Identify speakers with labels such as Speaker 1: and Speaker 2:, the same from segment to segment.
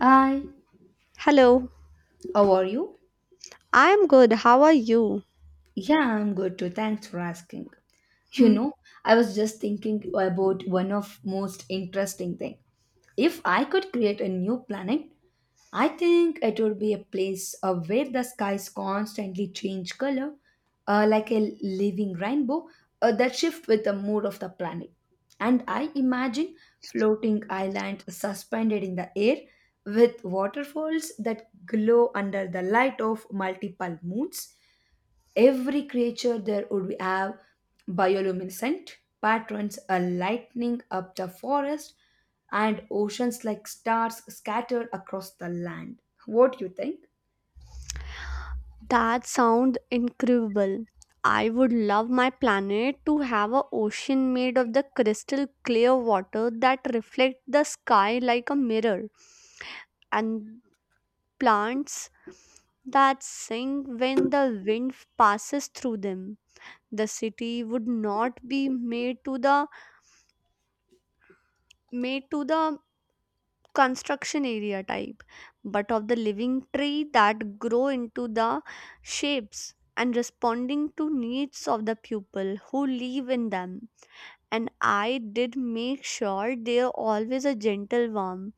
Speaker 1: Hi,
Speaker 2: Hello,
Speaker 1: how are you?
Speaker 2: I'm good. How are you?
Speaker 1: Yeah, I'm good too. Thanks for asking. You
Speaker 2: Hmm,
Speaker 1: know, I was just thinking about one of most interesting thing. If I could create a new planet, I think it would be a place where the skies constantly change color, like a living rainbow that shift with the mood of the planet. And I imagine floating island suspended in the air with waterfalls that glow under the light of multiple moons. Every creature there would have bioluminescent patterns are lighting up the forest and oceans like stars scattered across the land. What do you think?
Speaker 2: that sounds incredible. I would love my planet to have an ocean made of the crystal clear water that reflects the sky like a mirror and plants that sing when the wind passes through them. The city would not be made to the construction area type, but of the living tree that grow into the shapes and responding to needs of the people who live in them. And I did make sure they are always a gentle warm,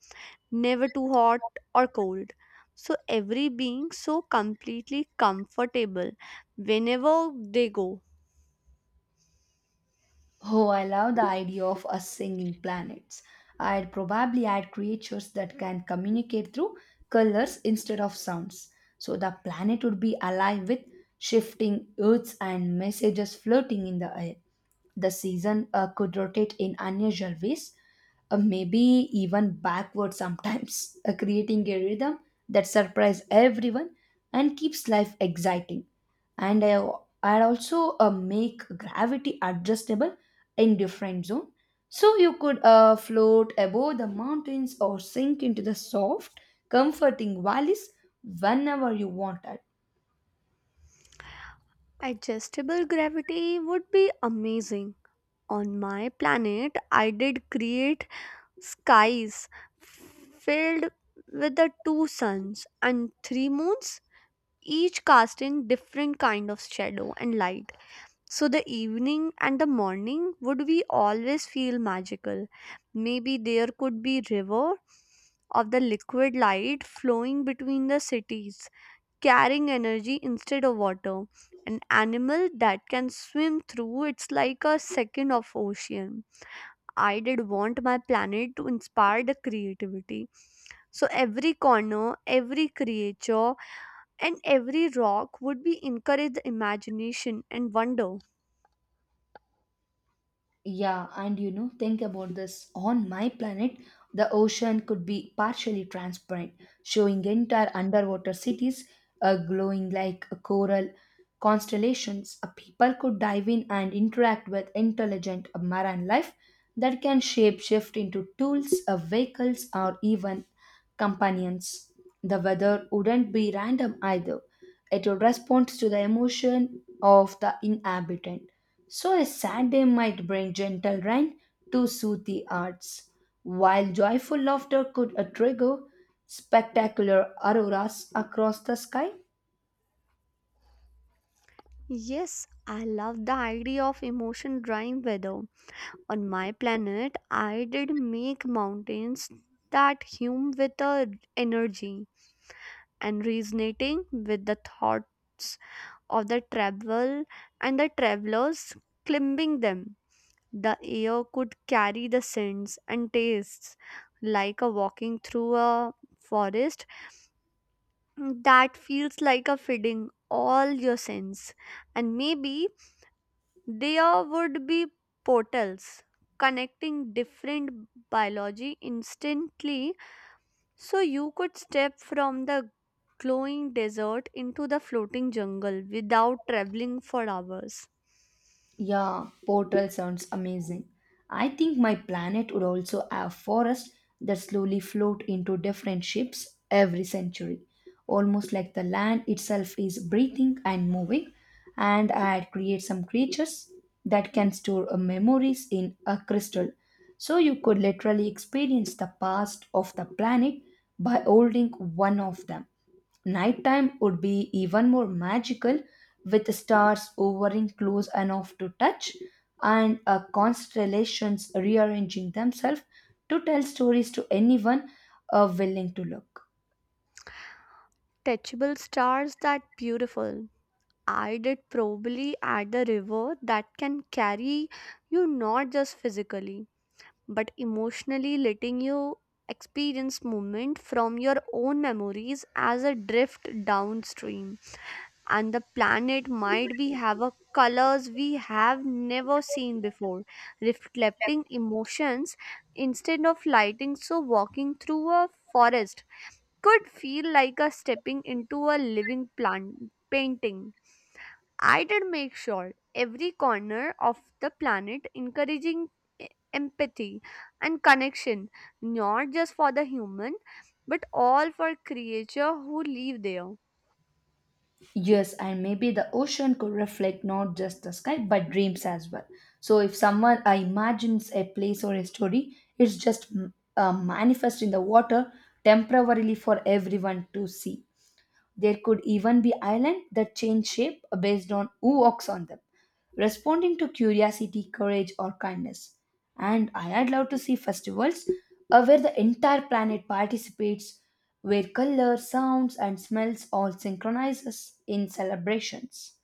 Speaker 2: never too hot or cold. So every being so completely comfortable whenever they go.
Speaker 1: Oh, I love the idea of us singing planets. I'd probably add creatures that can communicate through colors instead of sounds. So the planet would be alive with shifting earths and messages floating in the air. The season could rotate in unusual ways, maybe even backward sometimes, creating a rhythm that surprises everyone and keeps life exciting. And I, I also make gravity adjustable in different zone, so you could float above the mountains or sink into the soft, comforting valleys whenever you wanted.
Speaker 2: Adjustable gravity would be amazing. On my planet, I did create skies filled with the two suns and three moons, each casting different kind of shadow and light, so the evening and the morning would we always feel magical. Maybe there could be river of the liquid light flowing between the cities, carrying energy instead of water, an animal that can swim through it's like a second of ocean. I did want my planet to inspire the creativity. So every corner, every creature, and every rock would be encourage the imagination and wonder.
Speaker 1: Yeah, and you know, think about this. On my planet, the ocean could be partially transparent, showing entire underwater cities glowing like a coral constellations. People could dive in and interact with intelligent marine life that can shape shift into tools, vehicles, or even companions. The weather wouldn't be random either. It would respond to the emotion of the inhabitant. So a sad day might bring gentle rain to soothe the arts, while joyful laughter could trigger spectacular auroras across the sky.
Speaker 2: Yes, I love the idea of emotion drawing weather. On my planet, I did make mountains that hum with the energy and resonating with the thoughts of the travelers climbing them. The air could carry the scents and tastes like a walking through a forest that feels like a feeding all your sense. And maybe there would be portals connecting different biology instantly, so you could step from the glowing desert into the floating jungle without traveling for hours.
Speaker 1: Yeah, portal sounds amazing. I think my planet would also have forests that slowly float into different shapes every century, almost like the land itself is breathing and moving. And I'd create some creatures that can store memories in a crystal, so you could literally experience the past of the planet by holding one of them. Nighttime would be even more magical with stars hovering close enough to touch and constellations rearranging themselves to tell stories to anyone willing to look.
Speaker 2: Touchable stars, that beautiful. I did probably at the river that can carry you not just physically but emotionally, letting you experience movement from your own memories as a drift downstream. And the planet might be have a colors we have never seen before, reflecting emotions instead of lighting. So walking through a forest could feel like a stepping into a living plant painting. I did make sure every corner of the planet encouraging e- empathy and connection, not just for the human, but all for creature who live there.
Speaker 1: Yes, and maybe the ocean could reflect not just the sky but dreams as well. So if someone imagines a place or a story, it's just manifest in the water temporarily for everyone to see. There could even be islands that change shape based on who walks on them, responding to curiosity, courage, or kindness. And I'd love to see festivals where the entire planet participates, where colors, sounds, and smells all synchronizes in celebrations.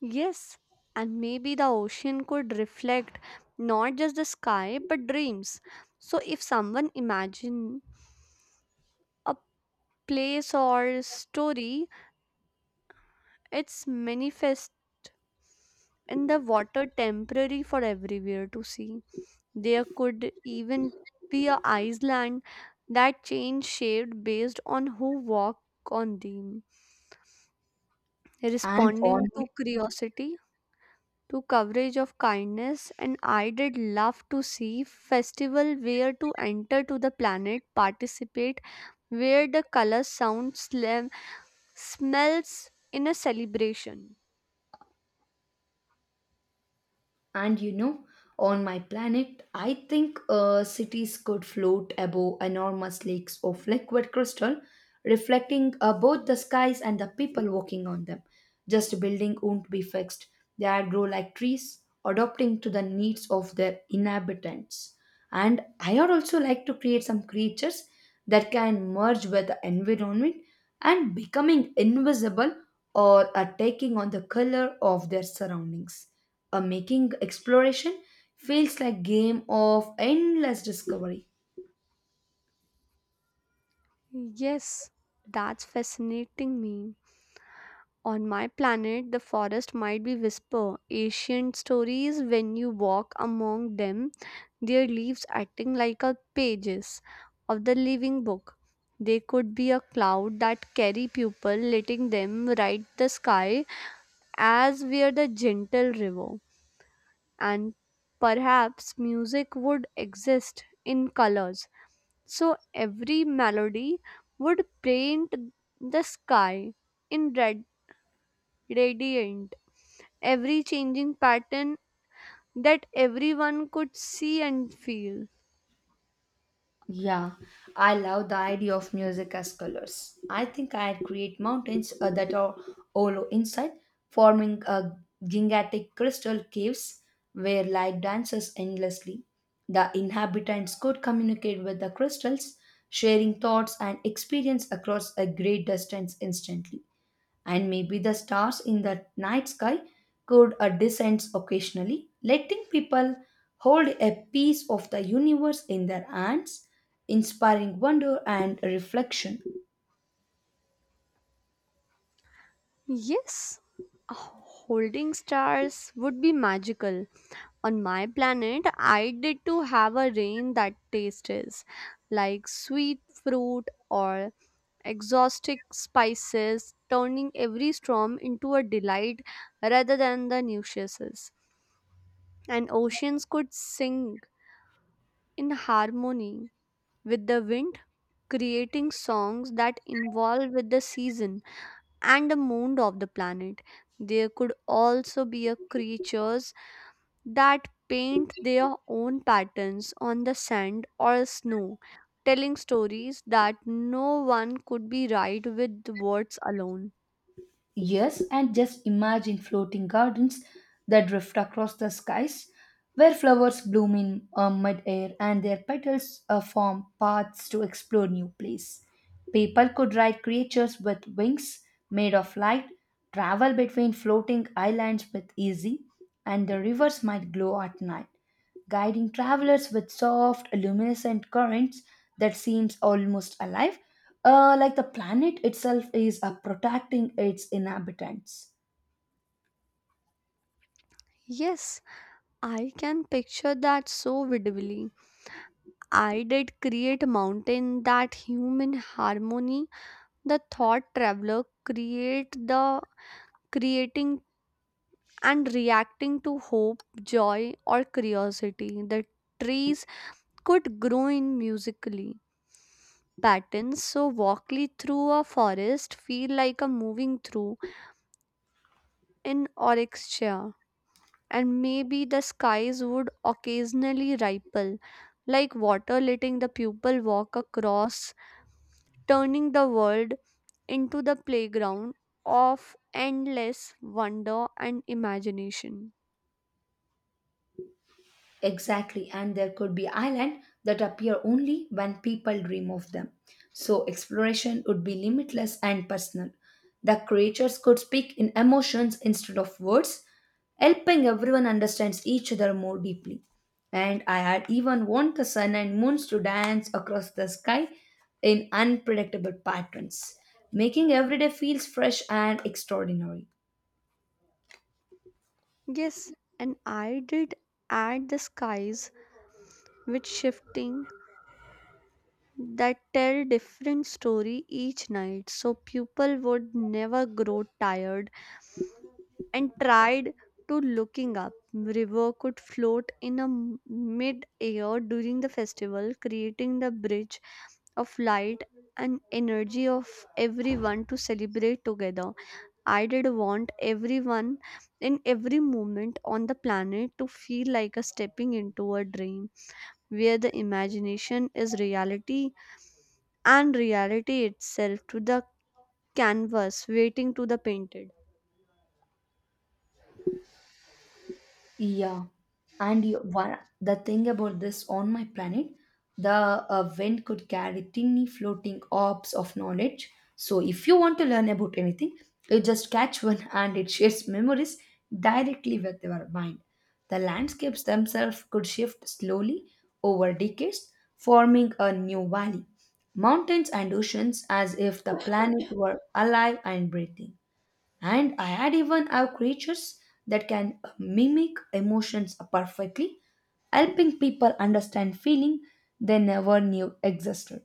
Speaker 2: Yes, and maybe the ocean could reflect not just the sky but dreams. So if someone imagine a place or story, it's manifest in the water temporary for everywhere to see. There could even be a island that change shape based on who walk on them,
Speaker 1: And on
Speaker 2: responding to curiosity, to coverage of kindness, and I did love to see festival where to enter to the planet, participate, where the color, sound, slam, smells in a celebration.
Speaker 1: And you know, on my planet, I think cities could float above enormous lakes of liquid crystal, reflecting both the skies and the people walking on them. Just building won't be fixed. They grow like trees, adapting to the needs of their inhabitants. And I would also like to create some creatures that can merge with the environment and becoming invisible or are taking on the color of their surroundings, making exploration feels like game of endless discovery.
Speaker 2: Yes, that's fascinating me. On my planet, the forest might be whisper ancient stories when you walk among them, their leaves acting like a pages of the living book. They could be a cloud that carry people, letting them ride the sky as were the gentle river. And perhaps music would exist in colors, so every melody would paint the sky in red radiant every changing pattern that everyone could see and feel.
Speaker 1: Yeah, I love the idea of music as colors. I think I'd create mountains that are hollow inside, forming gigantic crystal caves where light dances endlessly. The inhabitants could communicate with the crystals, sharing thoughts and experience across a great distance instantly. And maybe the stars in the night sky could descend occasionally, letting people hold a piece of the universe in their hands, inspiring wonder and reflection.
Speaker 2: Yes, holding stars would be magical. On my planet, I did to have a rain that tastes like sweet fruit or exotic spices, turning every storm into a delight rather than the nuisances. And oceans could sing in harmony with the wind, creating songs that involve with the season and the mood of the planet. There could also be a creatures that paint their own patterns on the sand or snow, telling stories that no one could be right with words alone.
Speaker 1: Yes, and just imagine floating gardens that drift across the skies, where flowers bloom in mid-air and their petals form paths to explore new place. People could ride creatures with wings made of light, travel between floating islands with easy, and the rivers might glow at night guiding travelers with soft, luminescent currents that seems almost alive, like the planet itself is protecting its inhabitants.
Speaker 2: Yes, I can picture that so vividly. I did create a mountain that human harmony, the thought traveler create the creating and reacting to hope, joy, or curiosity. The trees could grow in musically patterns, so walking through a forest feel like a moving through an orchestra, and maybe the skies would occasionally ripple, like water letting the pupil walk across, turning the world into the playground of endless wonder and imagination.
Speaker 1: Exactly, and there could be islands that appear only when people dream of them. So exploration would be limitless and personal. The creatures could speak in emotions instead of words, helping everyone understands each other more deeply. And I had even want the sun and moons to dance across the sky in unpredictable patterns, making every day feels fresh and extraordinary.
Speaker 2: Yes, and I did add the skies with shifting that tell different story each night so people would never grow tired and tried to looking up. River could float in a mid air during the festival, creating the bridge of light and energy of everyone to celebrate together. I did want everyone in every moment on the planet to feel like a stepping into a dream where the imagination is reality and reality itself to the canvas waiting to the painted.
Speaker 1: Yeah, and you, one, the thing about this on my planet, the wind could carry tiny floating orbs of knowledge. So if you want to learn about anything, you just catch one and it shares memories directly with your mind. The landscapes themselves could shift slowly over decades, forming a new valley, mountains and oceans as if the planet were alive and breathing. And I had even have creatures that can mimic emotions perfectly, helping people understand feeling they never knew existed.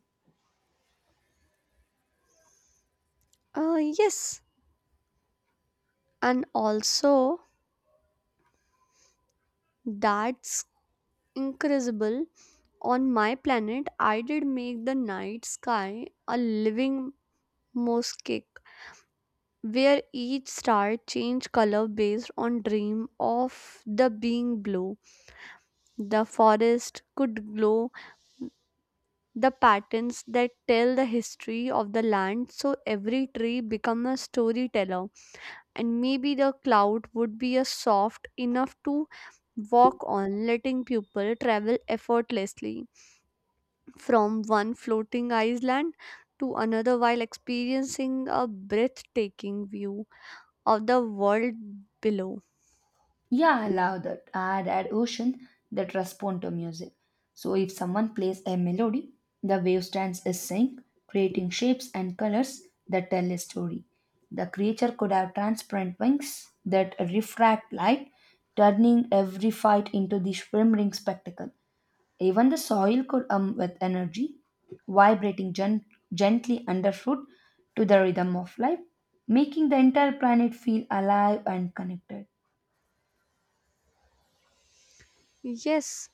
Speaker 2: Yes, and also that's incredible. On my planet, I did make the night sky a living mosaic where each star changed color based on dream of the being blue. The forest could glow the patterns that tell the history of the land, so every tree become a storyteller. And maybe the cloud would be a soft enough to walk on, letting people travel effortlessly from one floating island to another while experiencing a breathtaking view of the world below.
Speaker 1: Yeah, I love that. I had had ocean that respond to music, so if someone plays a melody the wave stands is sync, creating shapes and colors that tell a story. The creature could have transparent wings that refract light, turning every fight into the shimmering spectacle. Even the soil could hum with energy, vibrating gently underfoot to the rhythm of life, making the entire planet feel alive and connected.
Speaker 2: Yes,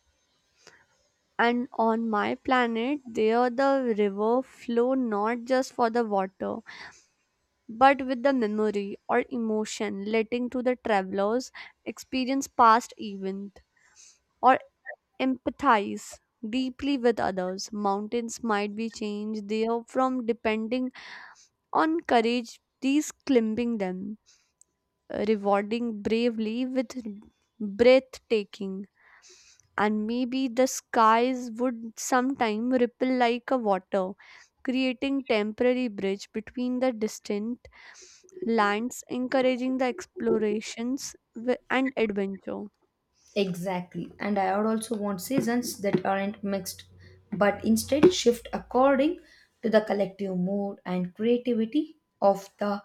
Speaker 2: and on my planet, there the river flow not just for the water, but with the memory or emotion, letting to the travelers experience past event or empathize deeply with others. Mountains might be changed there from depending on courage, these climbing them, rewarding bravely with breathtaking. And maybe the skies would sometime ripple like a water, creating temporary bridge between the distant lands, encouraging the explorations and adventure.
Speaker 1: Exactly. And I would also want seasons that aren't mixed, but instead shift according to the collective mood and creativity of the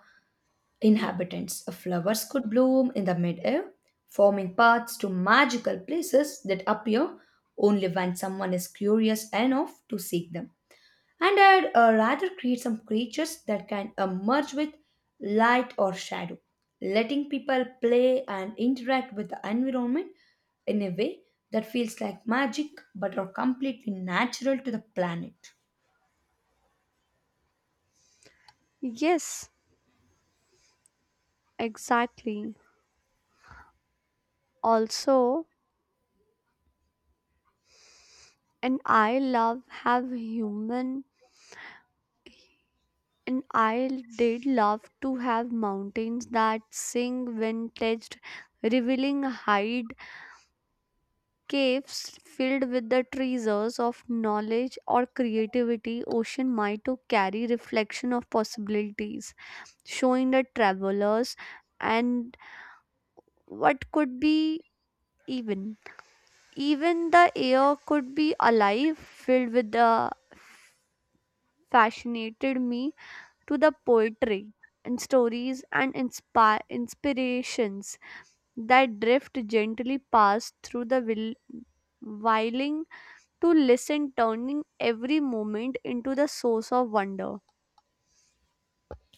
Speaker 1: inhabitants. Flowers could bloom in the midair, forming paths to magical places that appear only when someone is curious enough to seek them. And I'd rather create some creatures that can merge with light or shadow, letting people play and interact with the environment in a way that feels like magic but are completely natural to the planet.
Speaker 2: Yes, exactly. Also, and I love have human and I did love to have mountains that sing when touched, revealing height caves filled with the treasures of knowledge or creativity. Ocean might to carry reflection of possibilities, showing the travelers and what could be, even even the air could be alive filled with the fascinated me to the poetry and stories and inspire inspirations that drift gently past through the whirling to listen, turning every moment into the source of wonder.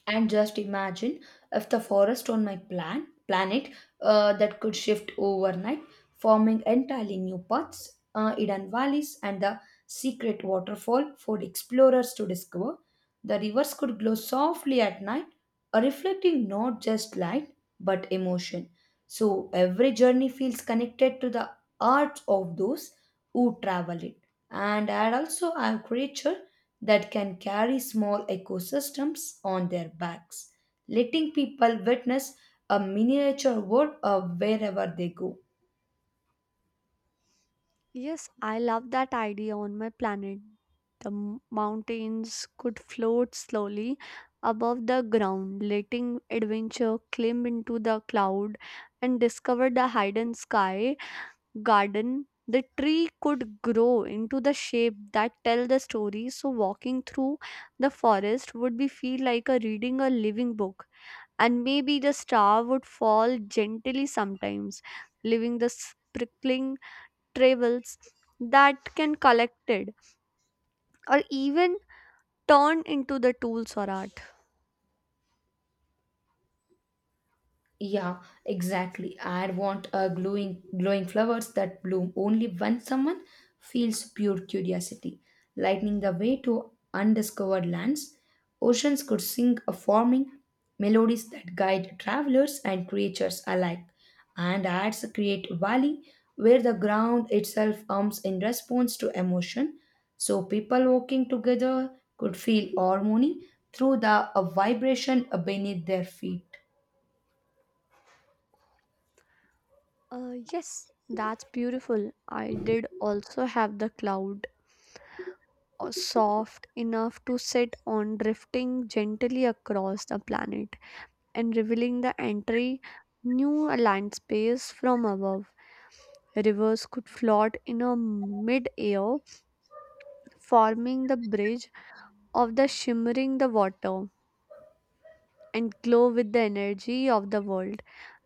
Speaker 1: And just imagine if the forest on my planet that could shift overnight, forming entirely new paths, hidden valleys, and the secret waterfall for explorers to discover. The rivers could glow softly at night, reflecting not just light but emotion. So every journey feels connected to the art of those who travel it. And I'd also I have creatures that can carry small ecosystems on their backs, letting people witness a miniature world wherever they go.
Speaker 2: Yes, I love that idea on my planet. The mountains could float slowly above the ground, letting adventure climb into the cloud and discover the hidden sky garden. The tree could grow into the shape that tell the story, so walking through the forest would be feel like a reading a living book. And maybe the star would fall gently sometimes, leaving the sprinkling travels that can collected or even turn into the tools or art.
Speaker 1: Yeah, exactly. I want a glowing flowers that bloom only when someone feels pure curiosity, lightening the way to undiscovered lands. Oceans could sing a forming melodies that guide travelers and creatures alike, and adds a create valley where the ground itself hums in response to emotion. So people walking together could feel harmony through the a vibration beneath their feet.
Speaker 2: Yes, that's beautiful. I did also have the cloud, soft enough to sit on, drifting gently across the planet and revealing the entry new land space from above. Rivers could float in a mid-air, forming the bridge of the shimmering the water and glow with the energy of the world.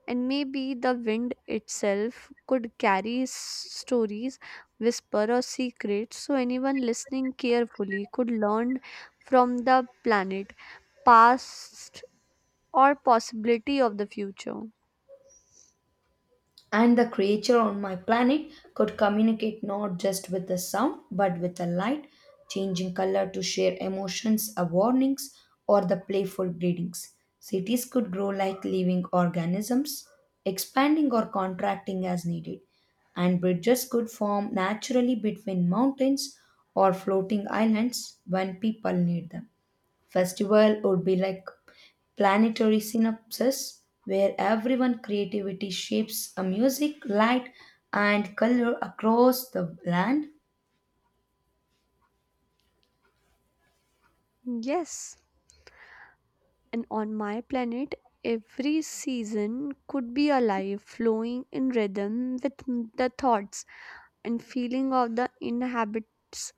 Speaker 2: And maybe the wind itself could carry stories whisper or secrets, so anyone listening carefully could learn from the planet past or possibility of the future.
Speaker 1: And the creature on my planet could communicate not just with the sound but with a light, changing color to share emotions, or warnings, or the playful greetings. Cities could grow like living organisms, expanding or contracting as needed, and bridges could form naturally between mountains or floating islands when people need them. Festival would be like planetary synapses where everyone creativity shapes a music, light and color across the land.
Speaker 2: Yes, and on my planet every season could be alive, flowing in rhythm with the thoughts and feeling of the inhabits.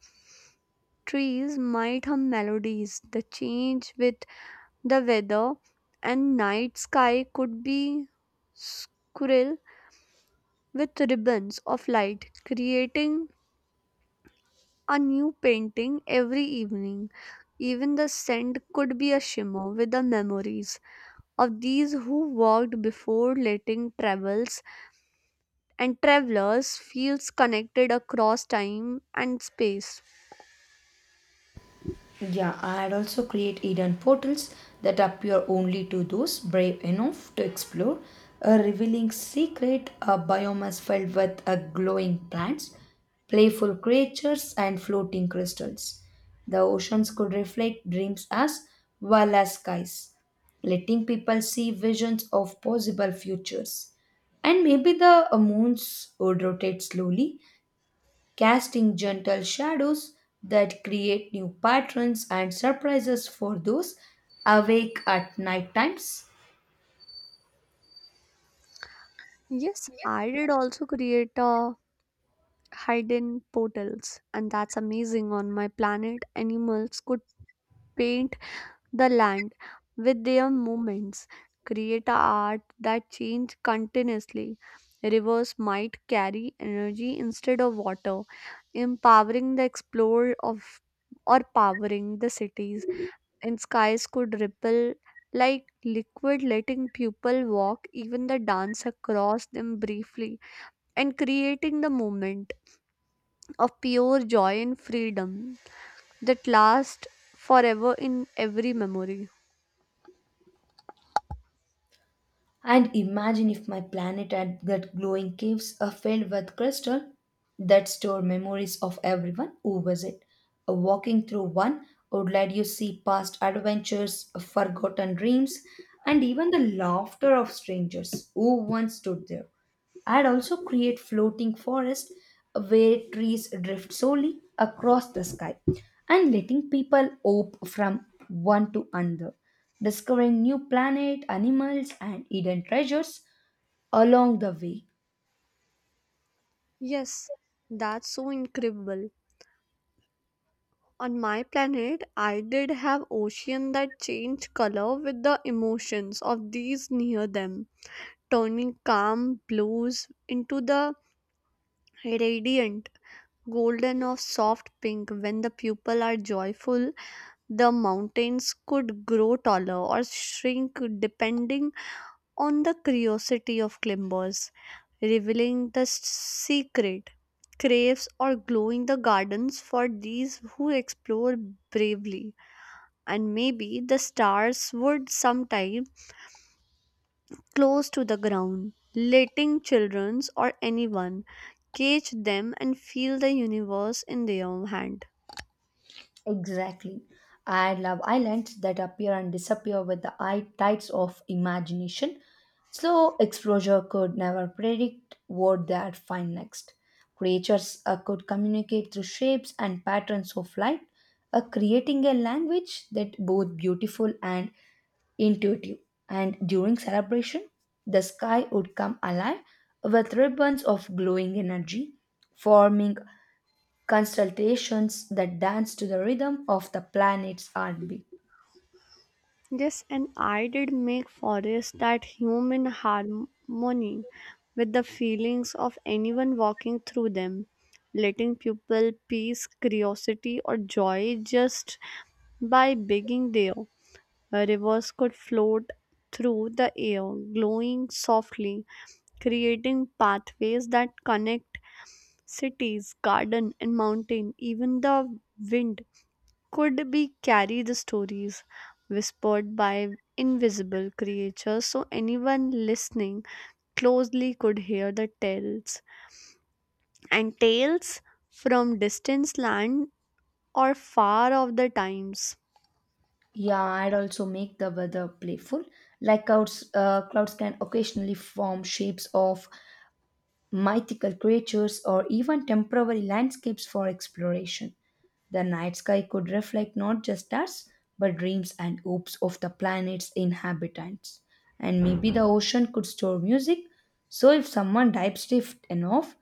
Speaker 2: Trees might hum melodies the change with the weather, and night sky could be squirrel with ribbons of light, creating a new painting every evening. Even the scent could be a shimmer with the memories of these who walked before, letting travels and travelers feels connected across time and space.
Speaker 1: Yeah, I'd also create hidden portals that appear only to those brave enough to explore, a revealing secret, a biomass filled with a glowing plants, playful creatures, and floating crystals. The oceans could reflect dreams as well as skies, letting people see visions of possible futures. And maybe the moons would rotate slowly, casting gentle shadows that create new patterns and surprises for those awake at night times.
Speaker 2: Yes, I did also create hidden portals, and that's amazing. On my planet, animals could paint the land with their movements, create a art that change continuously. Rivers might carry energy instead of water, empowering the explorer of or powering the cities. And skies could ripple like liquid, letting people walk. Even the dance across them briefly and creating the moment of pure joy and freedom that lasts forever in every memory.
Speaker 1: And imagine if my planet had that glowing caves are filled with crystal that store memories of everyone who visit. Walking through one would let you see past adventures, forgotten dreams, and even the laughter of strangers who once stood there. I'd also create floating forests where trees drift slowly across the sky and letting people hop from one to another, discovering new planet, animals and hidden treasures along the way.
Speaker 2: Yes, that's so incredible. On my planet, I did have ocean that changed color with the emotions of these near them, turning calm blues into the radiant golden of soft pink when the people are joyful. The mountains could grow taller or shrink depending on the curiosity of climbers, revealing the secret caves or glowing the gardens for these who explore bravely. And maybe the stars would sometime close to the ground, letting children or anyone catch them and feel the universe in their own hand.
Speaker 1: Exactly. I love islands that appear and disappear with the eye tides of imagination. Slow exposure could never predict what they'd find next. Creatures could communicate through shapes and patterns of light, creating a language that both beautiful and intuitive. And during celebration, the sky would come alive with ribbons of glowing energy, forming constellations that dance to the rhythm of the planet's heartbeat.
Speaker 2: Yes, and I did make forest that human harmony with the feelings of anyone walking through them, letting people peace, curiosity, or joy just by being there. Rivers could float through the air, glowing softly, creating pathways that connect cities, garden, and mountain. Even the wind could be carry the stories whispered by invisible creatures, so anyone listening closely could hear the tales from distant land or far off the times.
Speaker 1: Yeah, I'd also make the weather playful. Like clouds, clouds can occasionally form shapes of mythical creatures, or even temporary landscapes for exploration. The night sky could reflect not just stars, but dreams and hopes of the planet's inhabitants. And maybe the ocean could store music, so if someone dives deep enough,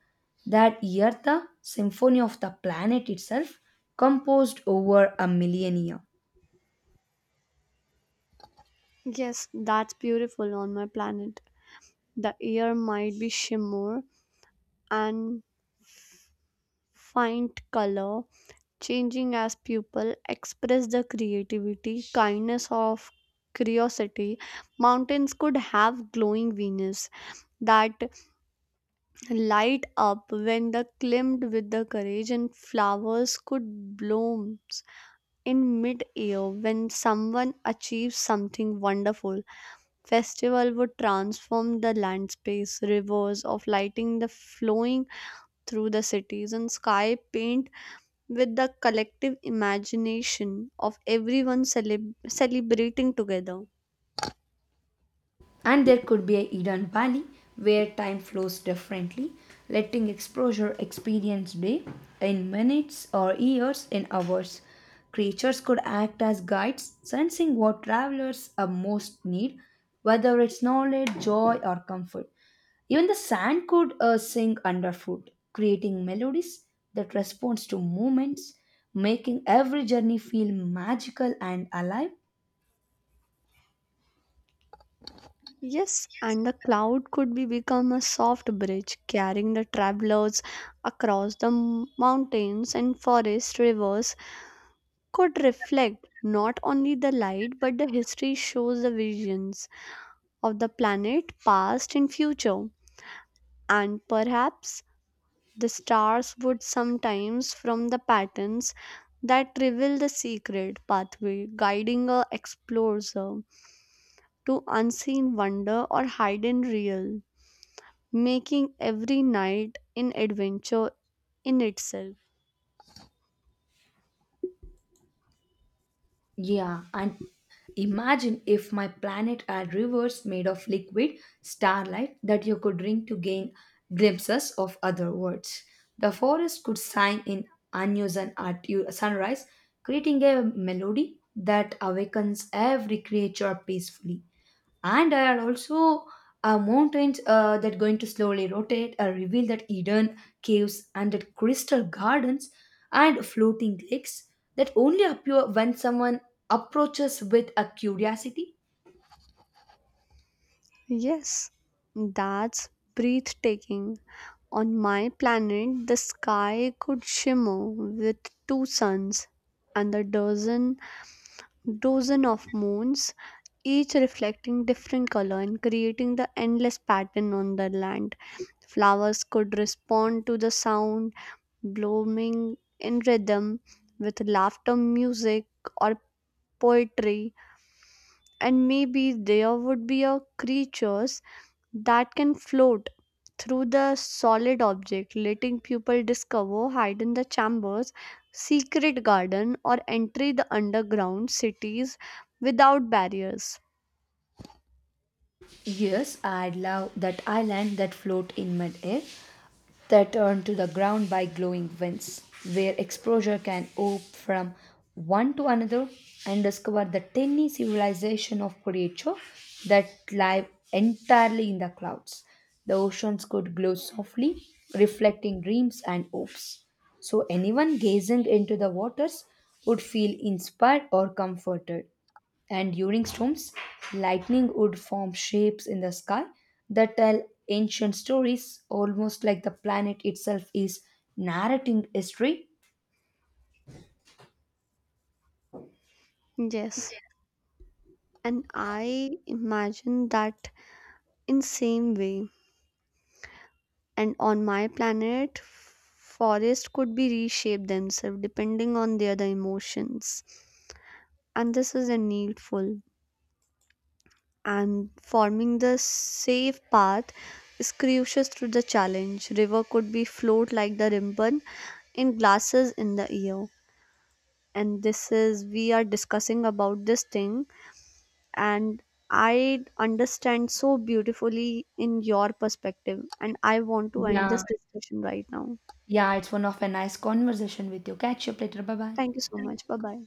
Speaker 1: that year the symphony of the planet itself composed over a millennia.
Speaker 2: Yes, that's beautiful. On my planet, the air might be shimmer and faint color changing as people express the creativity kindness of curiosity. Mountains could have glowing venus that light up when the climbed with the courage, and flowers could bloom in mid-air when someone achieves something wonderful. Festival would transform the land space, rivers of lighting the flowing through the cities and sky paint with the collective imagination of everyone celebrating together.
Speaker 1: And there could be a Eden valley where time flows differently, letting exposure experience day in minutes or years in hours. Creatures could act as guides, sensing what travelers are most need, whether it's knowledge, joy, or comfort. Even the sand could sing underfoot, creating melodies that responds to movements, making every journey feel magical and alive.
Speaker 2: Yes, and the cloud could be become a soft bridge carrying the travelers across the mountains and forest. Rivers could reflect not only the light but the history, shows the visions of the planet past and future. And perhaps the stars would sometimes from the patterns that reveal the secret pathway, guiding a explorer to unseen wonder or hidden real, making every night an adventure in itself.
Speaker 1: Yeah, and imagine if my planet had rivers made of liquid starlight that you could drink to gain glimpses of other worlds. The forest could sing in unison at sunrise, creating a melody that awakens every creature peacefully. And there are also mountains that going to slowly rotate reveal that hidden caves and that crystal gardens and floating lakes that only appear when someone approaches with a curiosity.
Speaker 2: Yes, that's breathtaking. On my planet, the sky could shimmer with two suns and a dozen of moons, each reflecting different color and creating the endless pattern on the land. Flowers could respond to the sound, blooming in rhythm with laughter music or poetry. And maybe there would be a creatures that can float through the solid object, letting people discover hidden the chambers, secret garden, or enter the underground cities without barriers.
Speaker 1: Yes, I love that island that float in mid air that turn to the ground by glowing winds, where exposure can open from one to another and discover the tiny civilization of creature that live entirely in the clouds. The oceans could glow softly, reflecting dreams and hopes. So anyone gazing into the waters would feel inspired or comforted. And during storms, lightning would form shapes in the sky that tell ancient stories, almost like the planet itself is narrating history.
Speaker 2: Yes, and I imagine that in same way. And on my planet, forests could be reshaped themselves depending on their the emotions, and this is a needful and forming the safe path is crucial through the challenge. River could be flowed like the ribbon in glasses in the ear. And this is we are discussing about this thing and I understand so beautifully in your perspective, and I want to end
Speaker 1: Yeah.
Speaker 2: this discussion right now.
Speaker 1: Yeah, it's one of a nice conversation with you. Catch you up later. Bye bye.
Speaker 2: Thank you so much. Bye bye.